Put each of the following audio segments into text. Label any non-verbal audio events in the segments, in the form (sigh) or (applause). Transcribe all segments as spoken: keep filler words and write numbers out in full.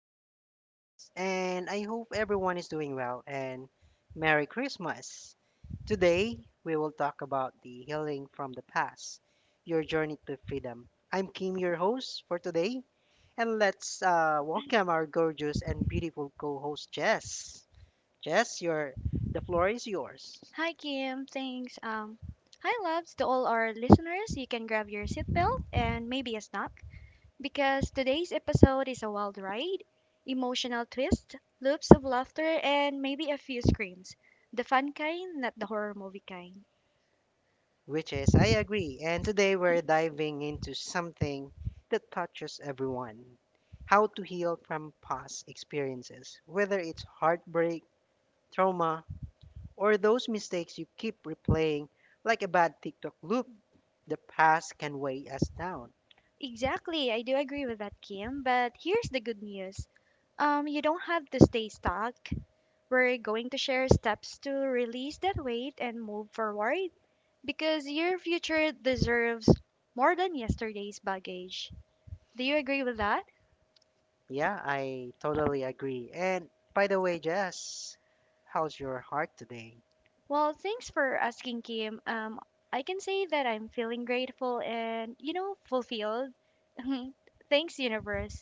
our podcast, and I hope everyone is doing well and Merry Christmas. Today, we will talk about the healing from the past, your journey to freedom. I'm Kim, your host for today, and let's uh, welcome our gorgeous and beautiful co-host Jess. Jess, your the floor is yours. Hi Kim, thanks. Um, hi loves to all our listeners. You can grab your seatbelt and maybe a snack because today's episode is a wild ride, emotional twist, loops of laughter, and maybe a few screams. The fun kind, not the horror movie kind. Which is, I agree. And today we're diving into something that touches everyone. How to heal from past experiences, whether it's heartbreak, trauma, or those mistakes you keep replaying like a bad TikTok loop. The past can weigh us down. Exactly, I do agree with that, Kim. But here's the good news. Um, you don't have to stay stuck. We're going to share steps to release that weight and move forward because your future deserves more than yesterday's baggage. Do you agree with that? Yeah, I totally agree. And by the way, Jess, how's your heart today? Well, thanks for asking, Kim. Um, I can say that I'm feeling grateful and, you know, fulfilled. (laughs) Thanks, universe.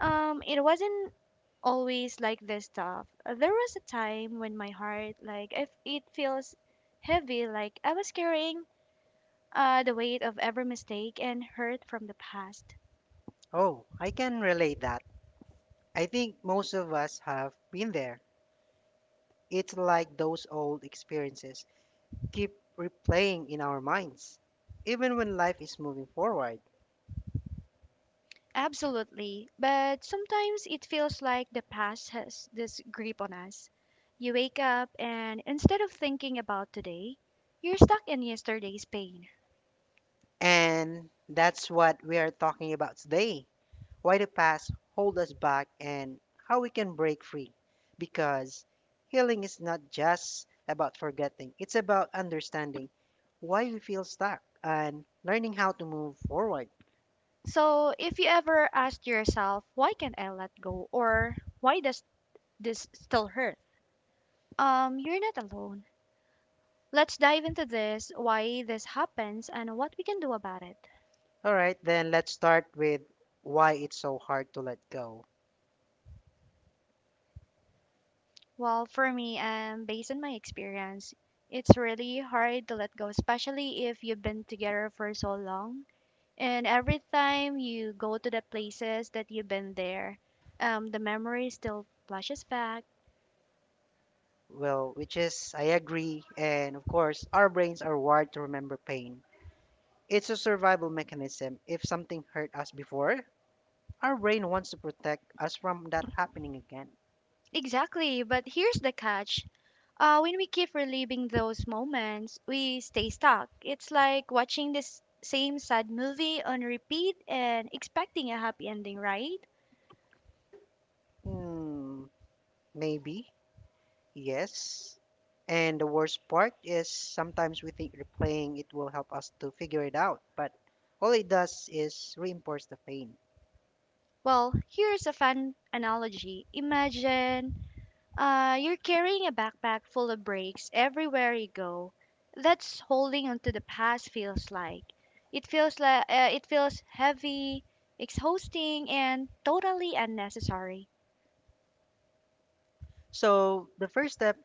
Um, it wasn't always like this stuff. Uh, There was a time when my heart, like, if it feels heavy, like I was carrying uh, the weight of every mistake and hurt from the past. Oh, I can relate that. I think most of us have been there. It's like those old experiences keep replaying in our minds, even when life is moving forward. Absolutely, but sometimes it feels like the past has this grip on us. You wake up, and instead of thinking about today, you're stuck in yesterday's pain. And that's what we are talking about today. Why the past hold us back, and how we can break free? Because healing is not just about forgetting, it's about understanding why we feel stuck and learning how to move forward. So, if you ever ask yourself, why can't I let go, or why does this still hurt? Um, you're not alone. Let's dive into this, why this happens, and what we can do about it. All right, then let's start with why it's so hard to let go. Well, for me, um, based on my experience, it's really hard to let go, especially if you've been together for so long. And every time you go to the places that you've been there, um, the memory still flashes back. Well, which is, I agree, and of course, our brains are wired to remember pain. It's a survival mechanism. If something hurt us before, our brain wants to protect us from that happening again. Exactly, but here's the catch. Uh, when we keep reliving those moments, we stay stuck. It's like watching this same sad movie on repeat and expecting a happy ending, right? Hmm, maybe, yes. And the worst part is, sometimes we think replaying it will help us to figure it out, but all it does is reinforce the pain. Well, here's a fun analogy. Imagine Uh, you're carrying a backpack full of breaks everywhere you go. That's holding onto the past feels like. It feels like uh, it feels heavy, exhausting, and totally unnecessary. So the first step,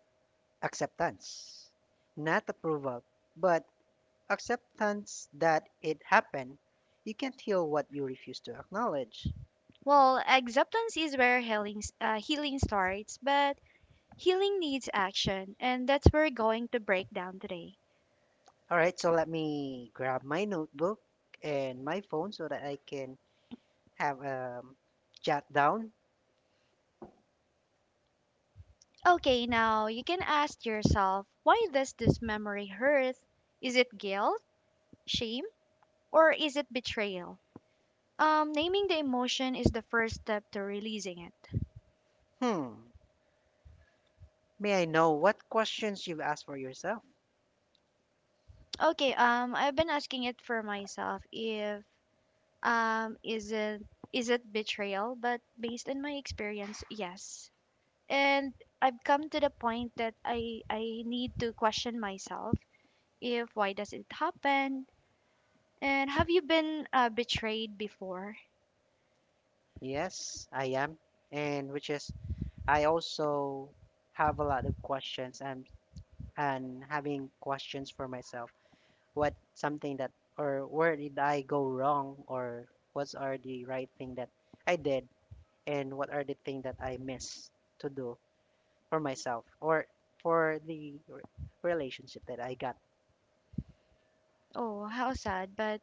acceptance, not approval, but acceptance that it happened. You can't heal what you refuse to acknowledge. Well, acceptance is where healing s- uh, healing starts, but healing needs action, and that's where we're going to break down today. All right, so let me grab my notebook and my phone so that I can have a um jot down. Okay, now you can ask yourself, why does this memory hurt? Is it guilt, shame, or is it betrayal? Um, naming the emotion is the first step to releasing it. Hmm. May I know what questions you've asked for yourself? Okay, um, I've been asking it for myself if um is it is it betrayal, but based on my experience, yes. And I've come to the point that I I need to question myself if why does it happen? And have you been uh, betrayed before? Yes, I am. And which is, I also have a lot of questions, and and having questions for myself. What something that, or where did I go wrong, or what are the right thing that I did, and what are the thing that I missed to do for myself or for the re- relationship that I got. Oh, how sad, but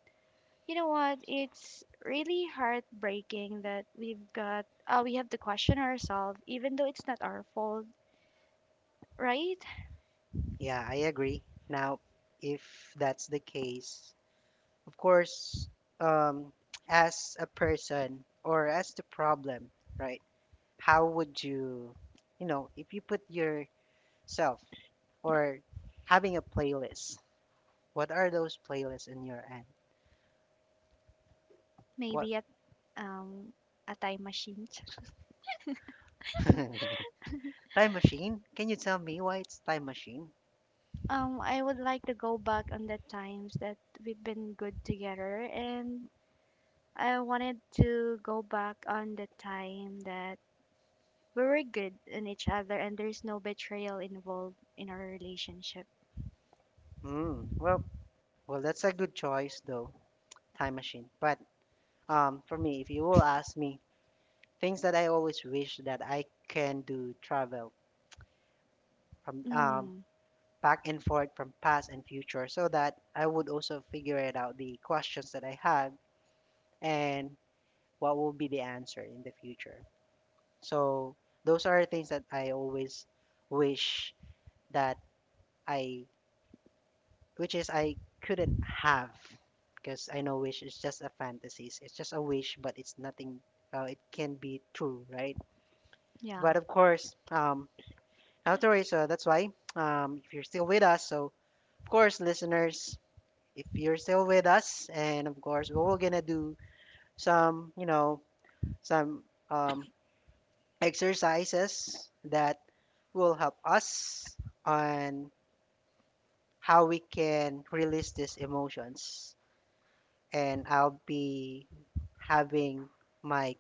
you know what? It's really heartbreaking that we've got uh, we have to question ourselves, even though it's not our fault, right? Yeah, I agree. Now, if that's the case, of course, um, (tsk) as a person or as the problem, right? How would you, you know, if you put yourself or having a playlist, what are those playlists in your end? What? Maybe at um a time machine. (laughs) (laughs) Time machine? Can you tell me why it's time machine? Um, I would like to go back on the times that we've been good together, and I wanted to go back on the time that we were good in each other, and there's no betrayal involved in our relationship. Hmm. Well, well, that's a good choice though, time machine. But Um, for me, if you will ask me, things that I always wish that I can do travel from um, Mm, back and forth from past and future, so that I would also figure it out the questions that I had, and what will be the answer in the future. So those are things that I always wish that I, which is I couldn't have, because I know wish is just a fantasies. It's just a wish, but it's nothing, uh, it can be true, right? yeah. But of course, um, Elroy. So that's why, um, if you're still with us, so of course, listeners, if you're still with us, and of course, we we're gonna do some, you know, some um, exercises that will help us on how we can release these emotions. And I'll be having my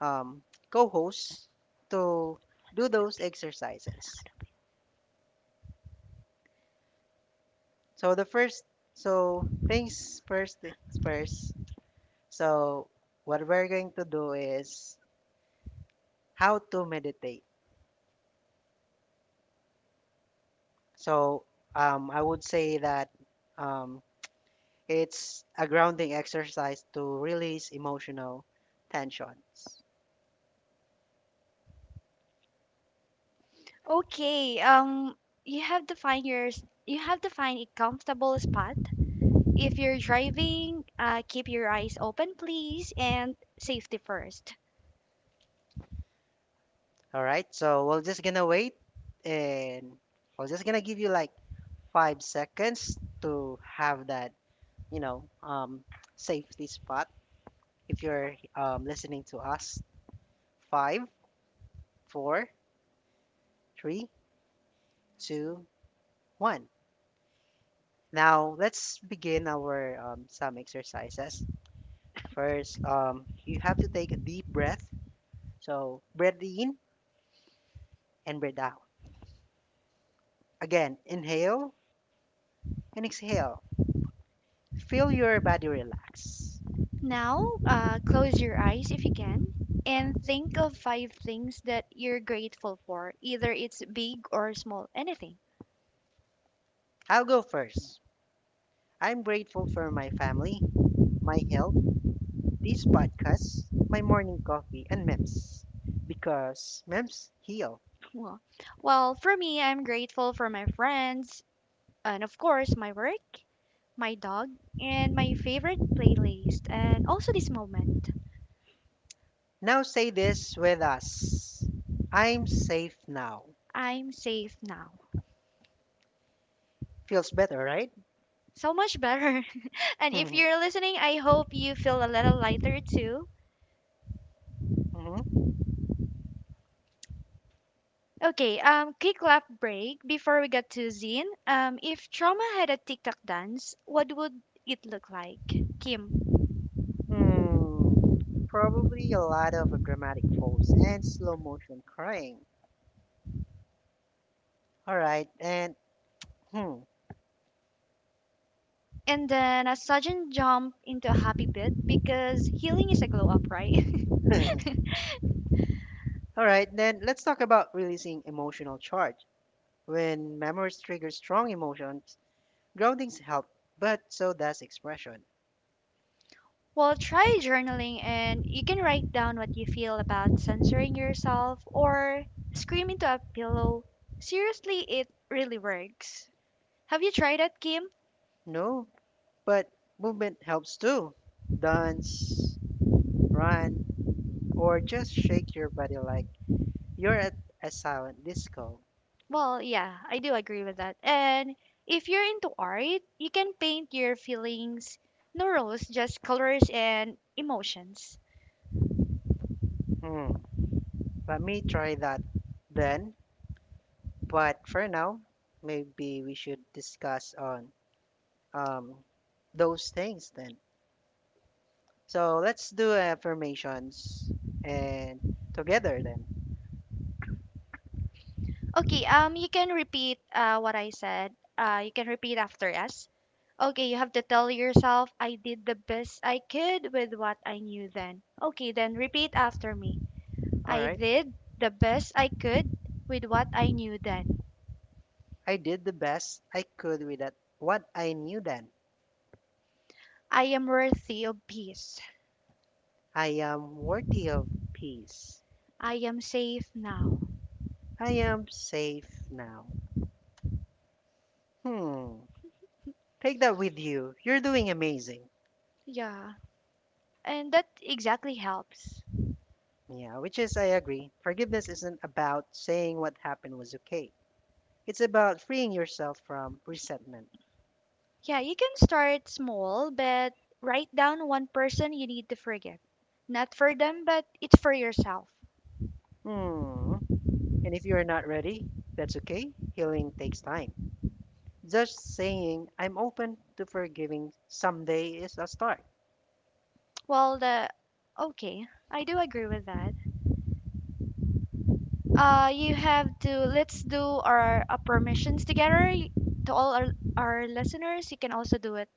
um, co-host to do those exercises. So the first, so things first, things first. So what we're going to do is how to meditate. So um, I would say that um, it's a grounding exercise to release emotional tensions. Okay, um, you have to find yours. You have to find a comfortable spot. If you're driving, uh, keep your eyes open, please, and safety first. All right. So we're just gonna wait, and we're just gonna give you like five seconds to have that, you know, um, safety spot. If you're um, listening to us, five, four, three, two, one. Now, let's begin our um, some exercises. First, um, you have to take a deep breath. So, breathe in and breathe out. Again, inhale and exhale. Feel your body relax. Now, uh, close your eyes if you can, and think of five things that you're grateful for. Either it's big or small, anything. I'll go first. I'm grateful for my family, my health, this podcast, my morning coffee, and memes, because memes heal. Well, well, for me, I'm grateful for my friends, and of course, my work, my dog, and my favorite playlist, and also this moment. Now say this with us. I'm safe now. I'm safe now. Feels better, right? So much better. (laughs) And if you're (laughs) listening, I hope you feel a little lighter too. Mhm. Okay, um, quick laugh break before we get to Zine. Um, if trauma had a TikTok dance, what would it look like? Kim. Hmm. Probably a lot of uh, dramatic falls and slow motion crying. All right, and hmm. And then a sudden jump into a happy bit because healing is a glow up, right? (laughs) (laughs) All right, then let's talk about releasing emotional charge. When memories trigger strong emotions, groundings help, but so does expression. Well, try journaling and you can write down what you feel about censoring yourself or scream into a pillow. Seriously, it really works. Have you tried it, Kim? No, but movement helps too. Dance, run, or just shake your body like you're at a silent disco. Well, yeah, I do agree with that. And if you're into art, you can paint your feelings, no rules, just colors and emotions. Hmm. Let me try that then. But for now, maybe we should discuss on um those things then. So let's do affirmations and together then. Okay, um, you can repeat uh, what I said. Uh, you can repeat after us. Okay, you have to tell yourself, I did the best I could with what I knew then. Okay, then repeat after me. All I right. did the best I could with what I knew then. I did the best I could with that what I knew then. I am worthy of peace. I am worthy of peace. I am safe now. I am safe now. Hmm. Take that with you. You're doing amazing. Yeah. And that exactly helps. Yeah, which is I agree. Forgiveness isn't about saying what happened was okay. It's about freeing yourself from resentment. Yeah, you can start small, but write down one person you need to forget. Not for them, but it's for yourself. Hmm. And if you're not ready, that's okay. Healing takes time. Just saying, I'm open to forgiving someday is a start. Well, the Okay, I do agree with that. Uh, you have to let's do our, uh permissions together Y- to all our, our listeners. You can also do it.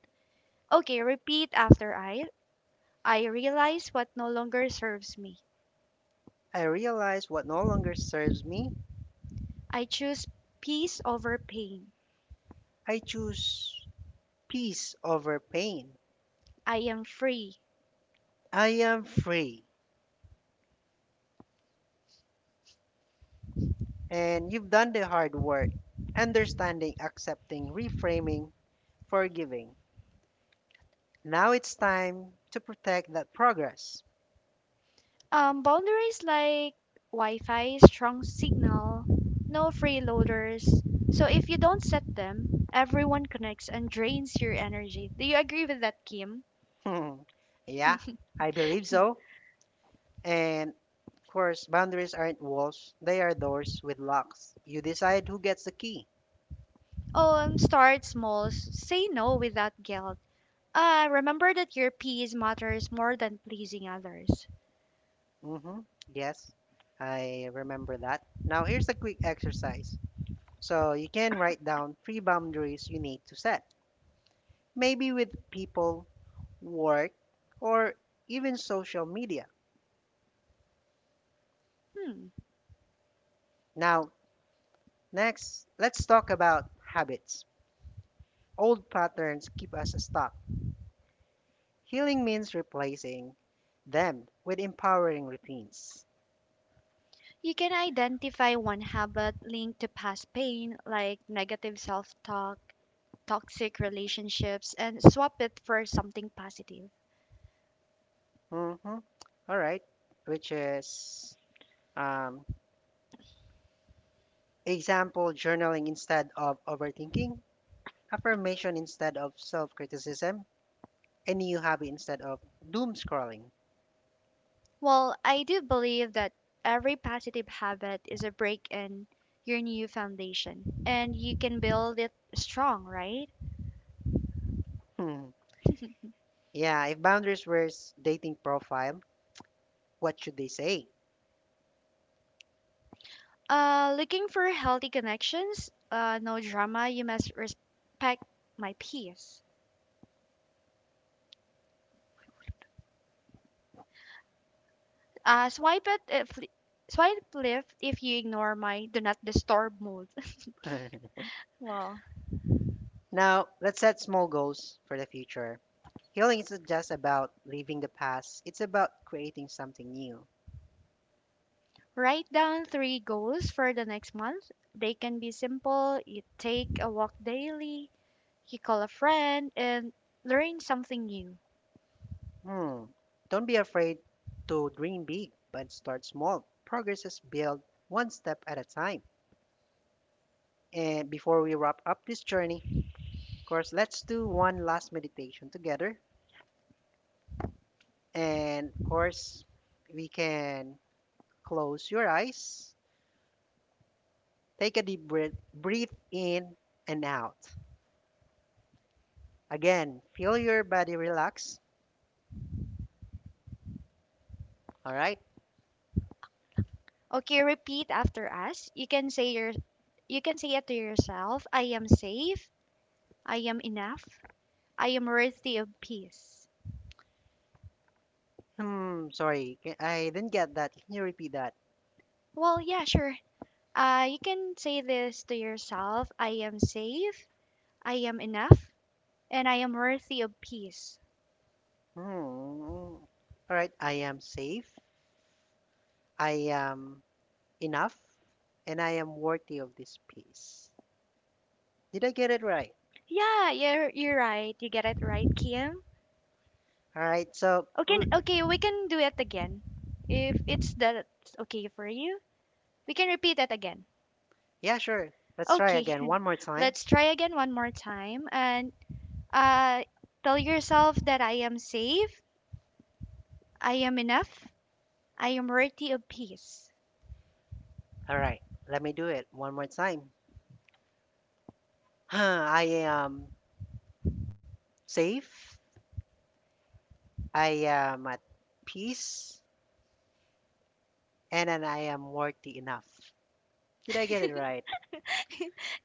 Okay, repeat after I. I realize what no longer serves me. I realize what no longer serves me. I choose peace over pain. I choose peace over pain. I am free. I am free. And you've done the hard work, understanding, accepting, reframing, forgiving. Now it's time to protect that progress. Um, boundaries like Wi-Fi, strong signal, no freeloaders. So if you don't set them, everyone connects and drains your energy. Do you agree with that, Kim? Hmm. Yeah, I believe so. And of course, boundaries aren't walls, they are doors with locks. You decide who gets the key. Um, start small. s- Say no without guilt. Uh, remember that your peace matters more than pleasing others. Mm-hmm. Yes, I remember that. Now, here's a quick exercise. So, you can write down three boundaries you need to set, maybe with people, work, or even social media. Hmm. Now, next, let's talk about habits. Old patterns keep us stuck. Healing means replacing them with empowering routines. You can identify one habit linked to past pain, like negative self-talk, toxic relationships, and swap it for something positive. Mm-hmm. All right. Which is, um, example journaling instead of overthinking, affirmation instead of self criticism, a new hobby instead of doom scrolling. Well, I do believe that every positive habit is a break in your new foundation, and you can build it strong, right? Hmm. Yeah, if boundaries were s- dating profile, what should they say? Uh, looking for healthy connections, uh, no drama, you must respect my peace. Uh, swipe it if Swipe left if you ignore my do not disturb mode. (laughs) (laughs) Well, Now, let's set small goals for the future. Healing isn't just about leaving the past, it's about creating something new. write down three goals for the next month. They can be simple. You take a walk daily, you call a friend and learn something new. Hmm. Don't be afraid to dream big, but start small. Progress is built one step at a time. And before we wrap up this journey, of course, let's do one last meditation together. And of course, we can close your eyes, take a deep breath, breathe in and out. Again, feel your body relax. All right. Okay, repeat after us. You can say your you can say it to yourself. I am safe. I am enough. I am worthy of peace. Hmm. Sorry, ca- I didn't get that. Can you repeat that? Well, yeah, sure. Uh, you can say this to yourself. I am safe. I am enough, and I am worthy of peace. Hmm. All right. I am safe. I am enough, and I am worthy of this peace. Did I get it right? Yeah, you're you're right. You get it right, Kim. All right, so Okay, l- okay, we can do it again. If it's that okay for you, we can repeat that again. yeah, sure. Let's try Okay, again (laughs) one more time. let's try again one more time and uh, tell yourself that I am safe, I am enough, I am worthy of peace. All right, let me do it one more time. (sighs) I am safe, I am at peace, and then I am worthy enough. Did I get it right? (laughs)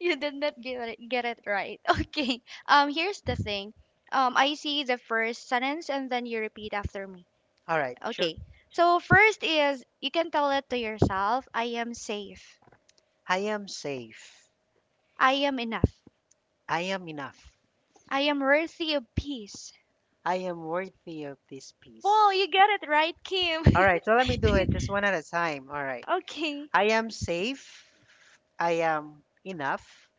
You did not get it, get it right. (laughs) Okay, um, here's the thing. Um, I see the first sentence and then you repeat after me. All right, sure. Okay, so first is you can tell it to yourself I am safe, I am safe, I am enough, I am enough, I am worthy of peace. I am worthy of this peace. Whoa, you got it right, Kim. All right, so let me do (laughs) it just one at a time. All right. Okay, I am safe. I am enough.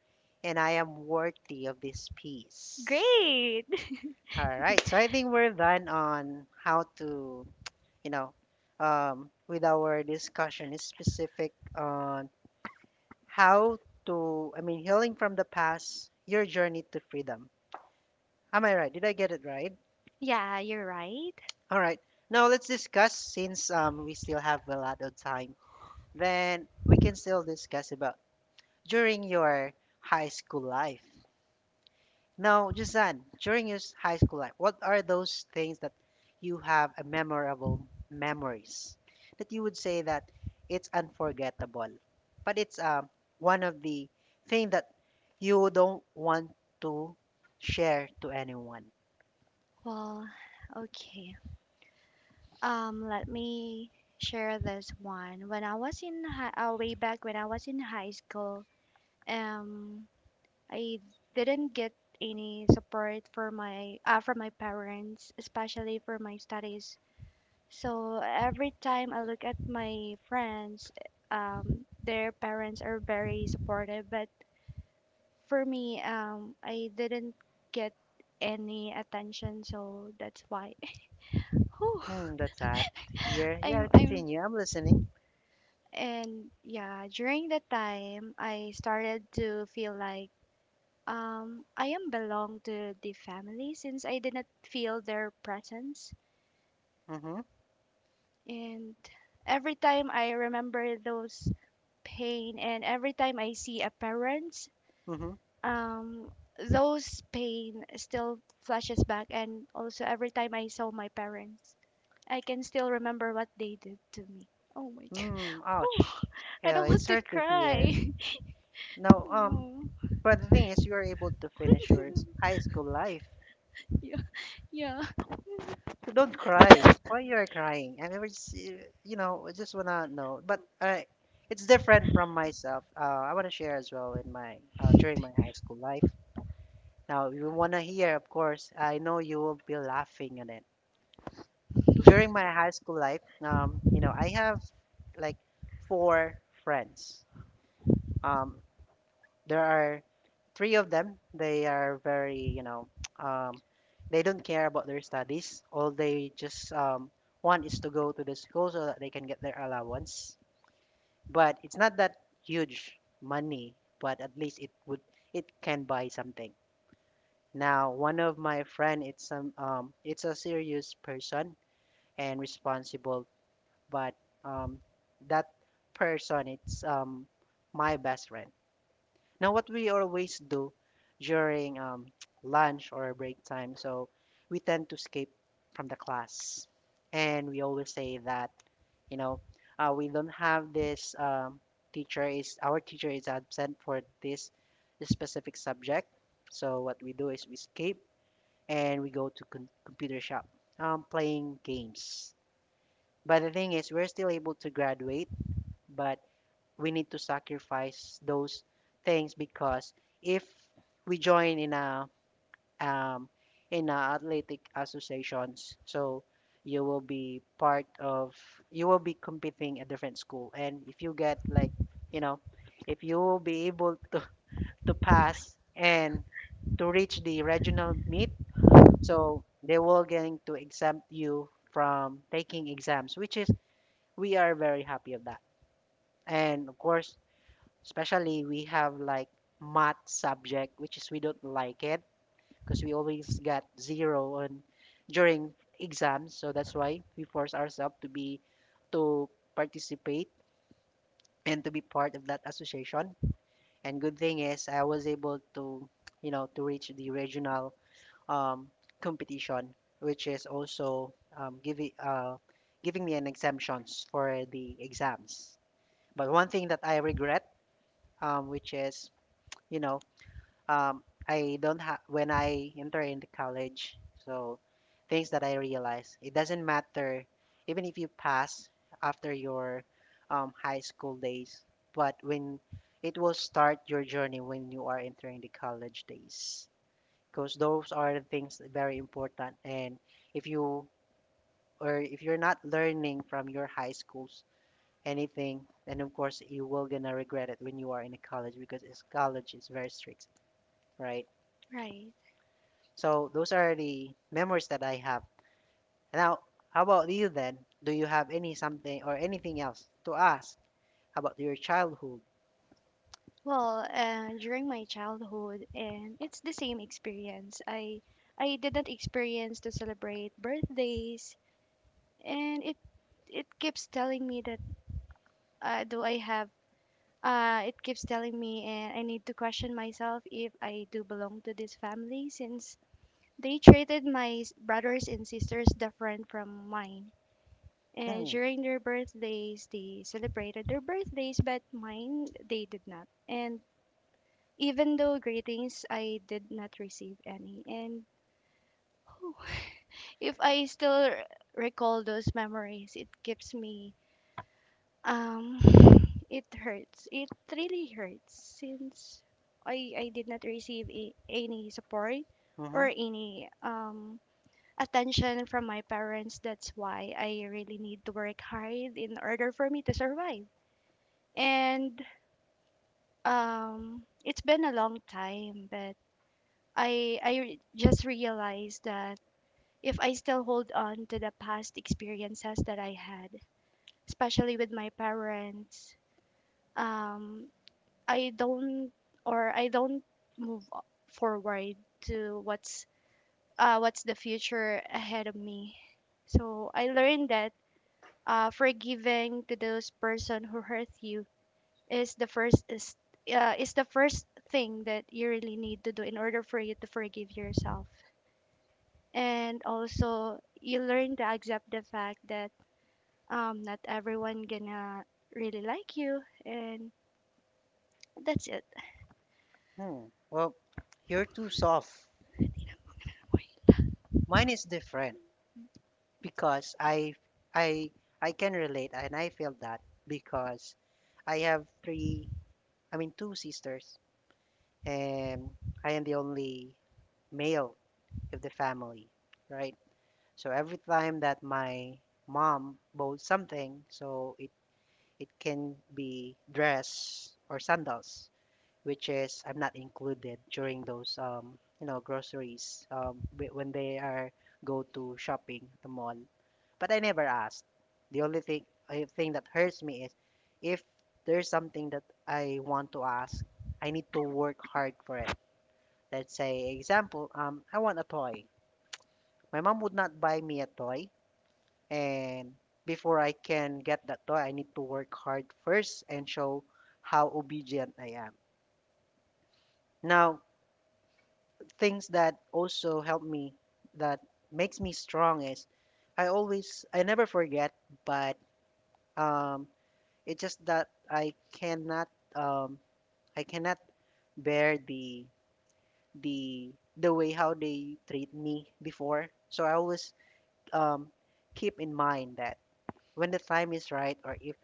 And I am worthy of this peace. great. (laughs) All right. So I think we're done on how to, you know, um, with our discussion is specific on how to, I mean, healing from the past, your journey to freedom. Am I right? Did I get it right? Yeah, you're right. All right. Now let's discuss, since um, we still have a lot of time, then we can still discuss about during your high school life. Now, Jusan, during your s- high school life, what are those things that you have a memorable memories that you would say that it's unforgettable, but it's um one of the thing that you don't want to share to anyone. Well, okay. Um, let me share this one. When I was in high, uh, way back when I was in high school, um, I didn't get any support for my uh, from my parents, especially for my studies. So every time I look at my friends, um, their parents are very supportive, but for me, um, I didn't get any attention, so that's why. (laughs) Whew. Hmm, that's sad to hear. Yeah, I'm, I'm, continue. I'm listening. and yeah, during that time, I started to feel like um, I am belong to the family since I did not feel their presence. Mm-hmm. And every time I remember those pain, and every time I see a parent Mm-hmm. um, those pain still flashes back, and also every time I saw my parents, I can still remember what they did to me. Oh my god! (laughs) Hmm. Oh, Ouch. I Yeah, don't it's want to hard to hear. cry. Now, (laughs) um, No. but the thing is, you are able to finish your s- high (laughs) school life. Yeah. Yeah. So don't cry. Why you are crying? I never, s- uh, you know, I just wanna know. But uh, it's different from myself. Uh, I wanna share as well in my uh, during my high school life. Now, you wanna hear, of course, I know you will be laughing at it. During my high school life, um, you know, I have like four friends. Um, There are three of them. They are very, you know, (tsk) um, they don't care about their studies. All they just um, want is to go to the school so that they can get their allowance. But it's not that huge money, but at least it would it can buy something. Now, one of my friend, it's some um, it's a serious person and responsible, but um, that person, it's um, my best friend. Now, what we always do during um, (tsk) lunch or break time, so we tend to escape from the class. And we always say that, you know, uh, we don't have this um, teacher is, our teacher is absent for this specific subject. So what we do is we escape and we go to con- computer shop, um, playing games. But the thing is, we're still able to graduate, but we need to sacrifice those things because if we join in a um, in a athletic associations, so you will be part of you will be competing at different school, and if you get like you know, if you will be able to (laughs) to pass and to reach the regional meet, so they will going to exempt you from taking exams, which is we are very happy of that. And of course, especially we have like math subject, which is we don't like it because we always got zero on during exams. So that's why we force ourselves to be to participate and to be part of that association. And good thing is I was able to, you know, to reach the regional um, competition, which is also um, giving uh, giving me an exemptions for the exams. But one thing that I regret, um, which is you know um, I don't have when I enter into college. So things that I realize it doesn't matter even if you pass after your um, high school days, but when it will start your journey when you are entering the college days, because those are the things very important. And if you or if you're not learning from your high schools anything, then of course you will gonna regret it when you are in a college because it's- college is very strict, right? Right. So those are the memories that I have. Now, how about you then? Do you have any something or anything else to ask about your childhood? Well, uh, during my childhood, and it's the same experience. I I didn't experience to celebrate birthdays, and it it keeps telling me that uh, do I have Uh, it keeps telling me, and I need to question myself if I do belong to this family since they treated my s- brothers and sisters different from mine. And Hmm. during their birthdays, they celebrated their birthdays, but mine, they did not. And even though greetings, I did not receive any. And (laughs) (sighs) if I still r- recall those memories, it keeps me Um, (sighs) it hurts. It really hurts since I I did not receive a, any support Hmm. or any um attention from my parents. That's why I really need to work hard in order for me to survive. And um, it's been a long time, but I I re- just realized that if I still hold on to the past experiences that I had, especially with my parents, um, I don't or I don't move o- forward to what's uh, what's the future ahead of me. So I learned that uh, forgiving to those person who hurt you is the first is uh, is the first thing that you really need to do in order for you to forgive yourself. And also you learn to accept the fact that um, not everyone gonna really like you and that's it. Hmm. Well, you're too soft. Mine is different because I I I can relate and I feel that because I have three I mean two sisters and I am the only male of the family, right? So every time that my mom bought something, so it it can be dress or sandals, which is I'm not included during those um you know groceries um whe- when they are go to shopping at the mall. But I never asked. The only thing I thing that hurts me is if there's something that I want to ask, I need to work hard for it. Let's say, example, um, I want a toy. My mom would not buy me a toy, and before I can get that toy, I need to work hard first and show how obedient I am. Now, things that also help me, that makes me strong is, I always, I never forget, but um, it's just that I cannot, um, I cannot bear the the the way how they treat me before. So I always um, keep in mind that when the time is right, or if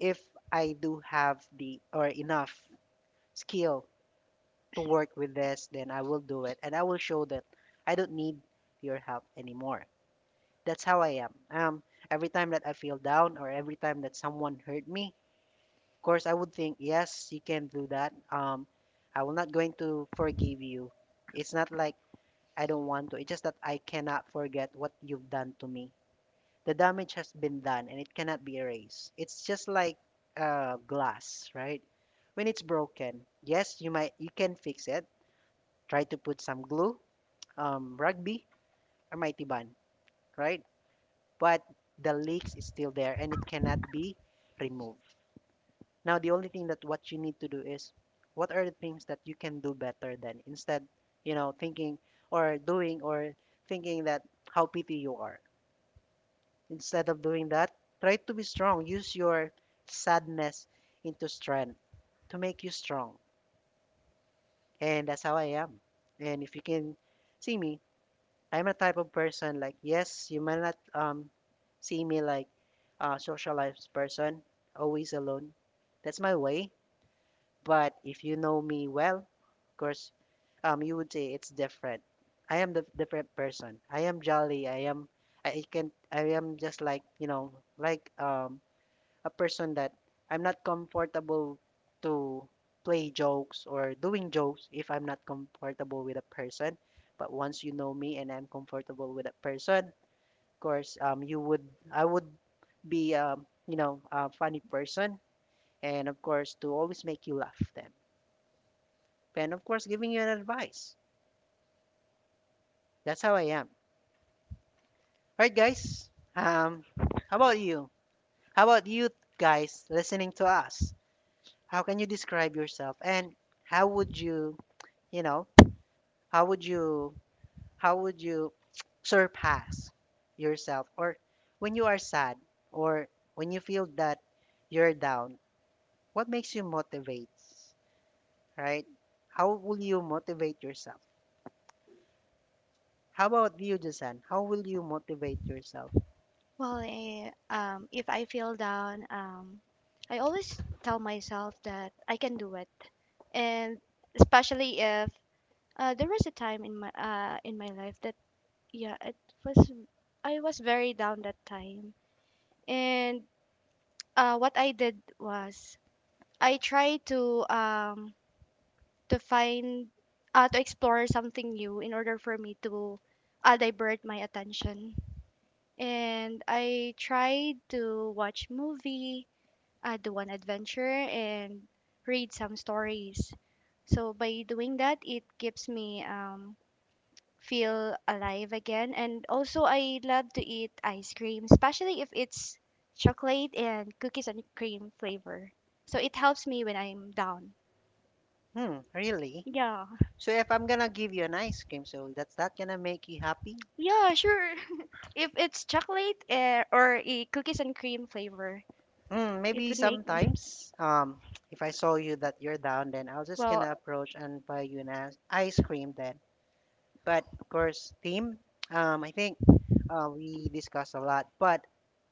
if I do have the or enough skill to work with this, then I will do it, and I will show that I don't need your help anymore. That's how I am. Um, every time that I feel down, or every time that someone hurt me, of course I would think, yes, you can do that. Um, I will not going to forgive you. It's not like I don't want to. It's just that I cannot forget what you've done to me. The damage has been done and it cannot be erased. It's just like uh, glass, right? When it's broken, yes, you might you can fix it. Try to put some glue, um, rugby or mighty bun, right? But the leaks is still there and it cannot be removed. Now the only thing that what you need to do is what are the things that you can do better than instead, you know, thinking or doing or thinking that how petty you are. Instead of doing that, try to be strong. Use your sadness into strength to make you strong. And that's how I am. And if you can see me, I'm a type of person like, yes, you might not um, see me like a socialized person, always alone. That's my way. But if you know me well, of course, um, you would say it's different. I am the different person. I am jolly. I am, I can, I am just like, you know, like, um, a person that I'm not comfortable to play jokes or doing jokes if I'm not comfortable with a person. But once you know me and I'm comfortable with a person, of course, um, you would I would be um, you know a funny person, and of course to always make you laugh. Then, and of course, giving you an advice. That's how I am. All right, guys. Um, how about you? How about you guys listening to us? How can you describe yourself and how would you you know, how would you how would you (tsk) surpass yourself or when you are sad or when you feel that you're down, what makes you motivate, right? How will you motivate yourself? How about you, Jason? How will you motivate yourself? Well, I, um, if I feel down, um, I always tell myself that I can do it, and especially if uh, there was a time in my uh, in my life that yeah, it was I was very down that time, and uh, what I did was I tried to um, to find uh, to explore something new in order for me to uh, divert my attention, and I tried to watch movie uh, do an adventure and read some stories. So by doing that, it keeps me um, feel alive again. And also, I love to eat ice cream, especially if it's chocolate and cookies and cream flavor. So it helps me when I'm down. Hmm, really? Yeah, So if I'm gonna give you an ice cream, so that's not gonna make you happy? yeah, sure. (laughs) If it's chocolate uh, or a cookies and cream flavor, Hmm, it maybe would make me. sometimes. Um, if I saw you that you're down, then I was just Well, gonna approach and buy you an ice ice cream then. But of course, theme. um, I think uh, we discussed a lot, but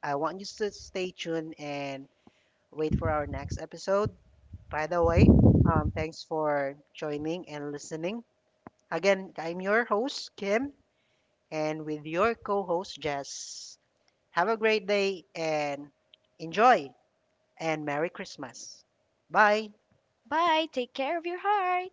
I want you to stay tuned and wait for our next episode. By the way, um, thanks for joining and listening. Again, I'm your host, Kim, and with your co host, Jess. Have a great day and enjoy, and Merry Christmas. Bye. bye. Take care of your heart.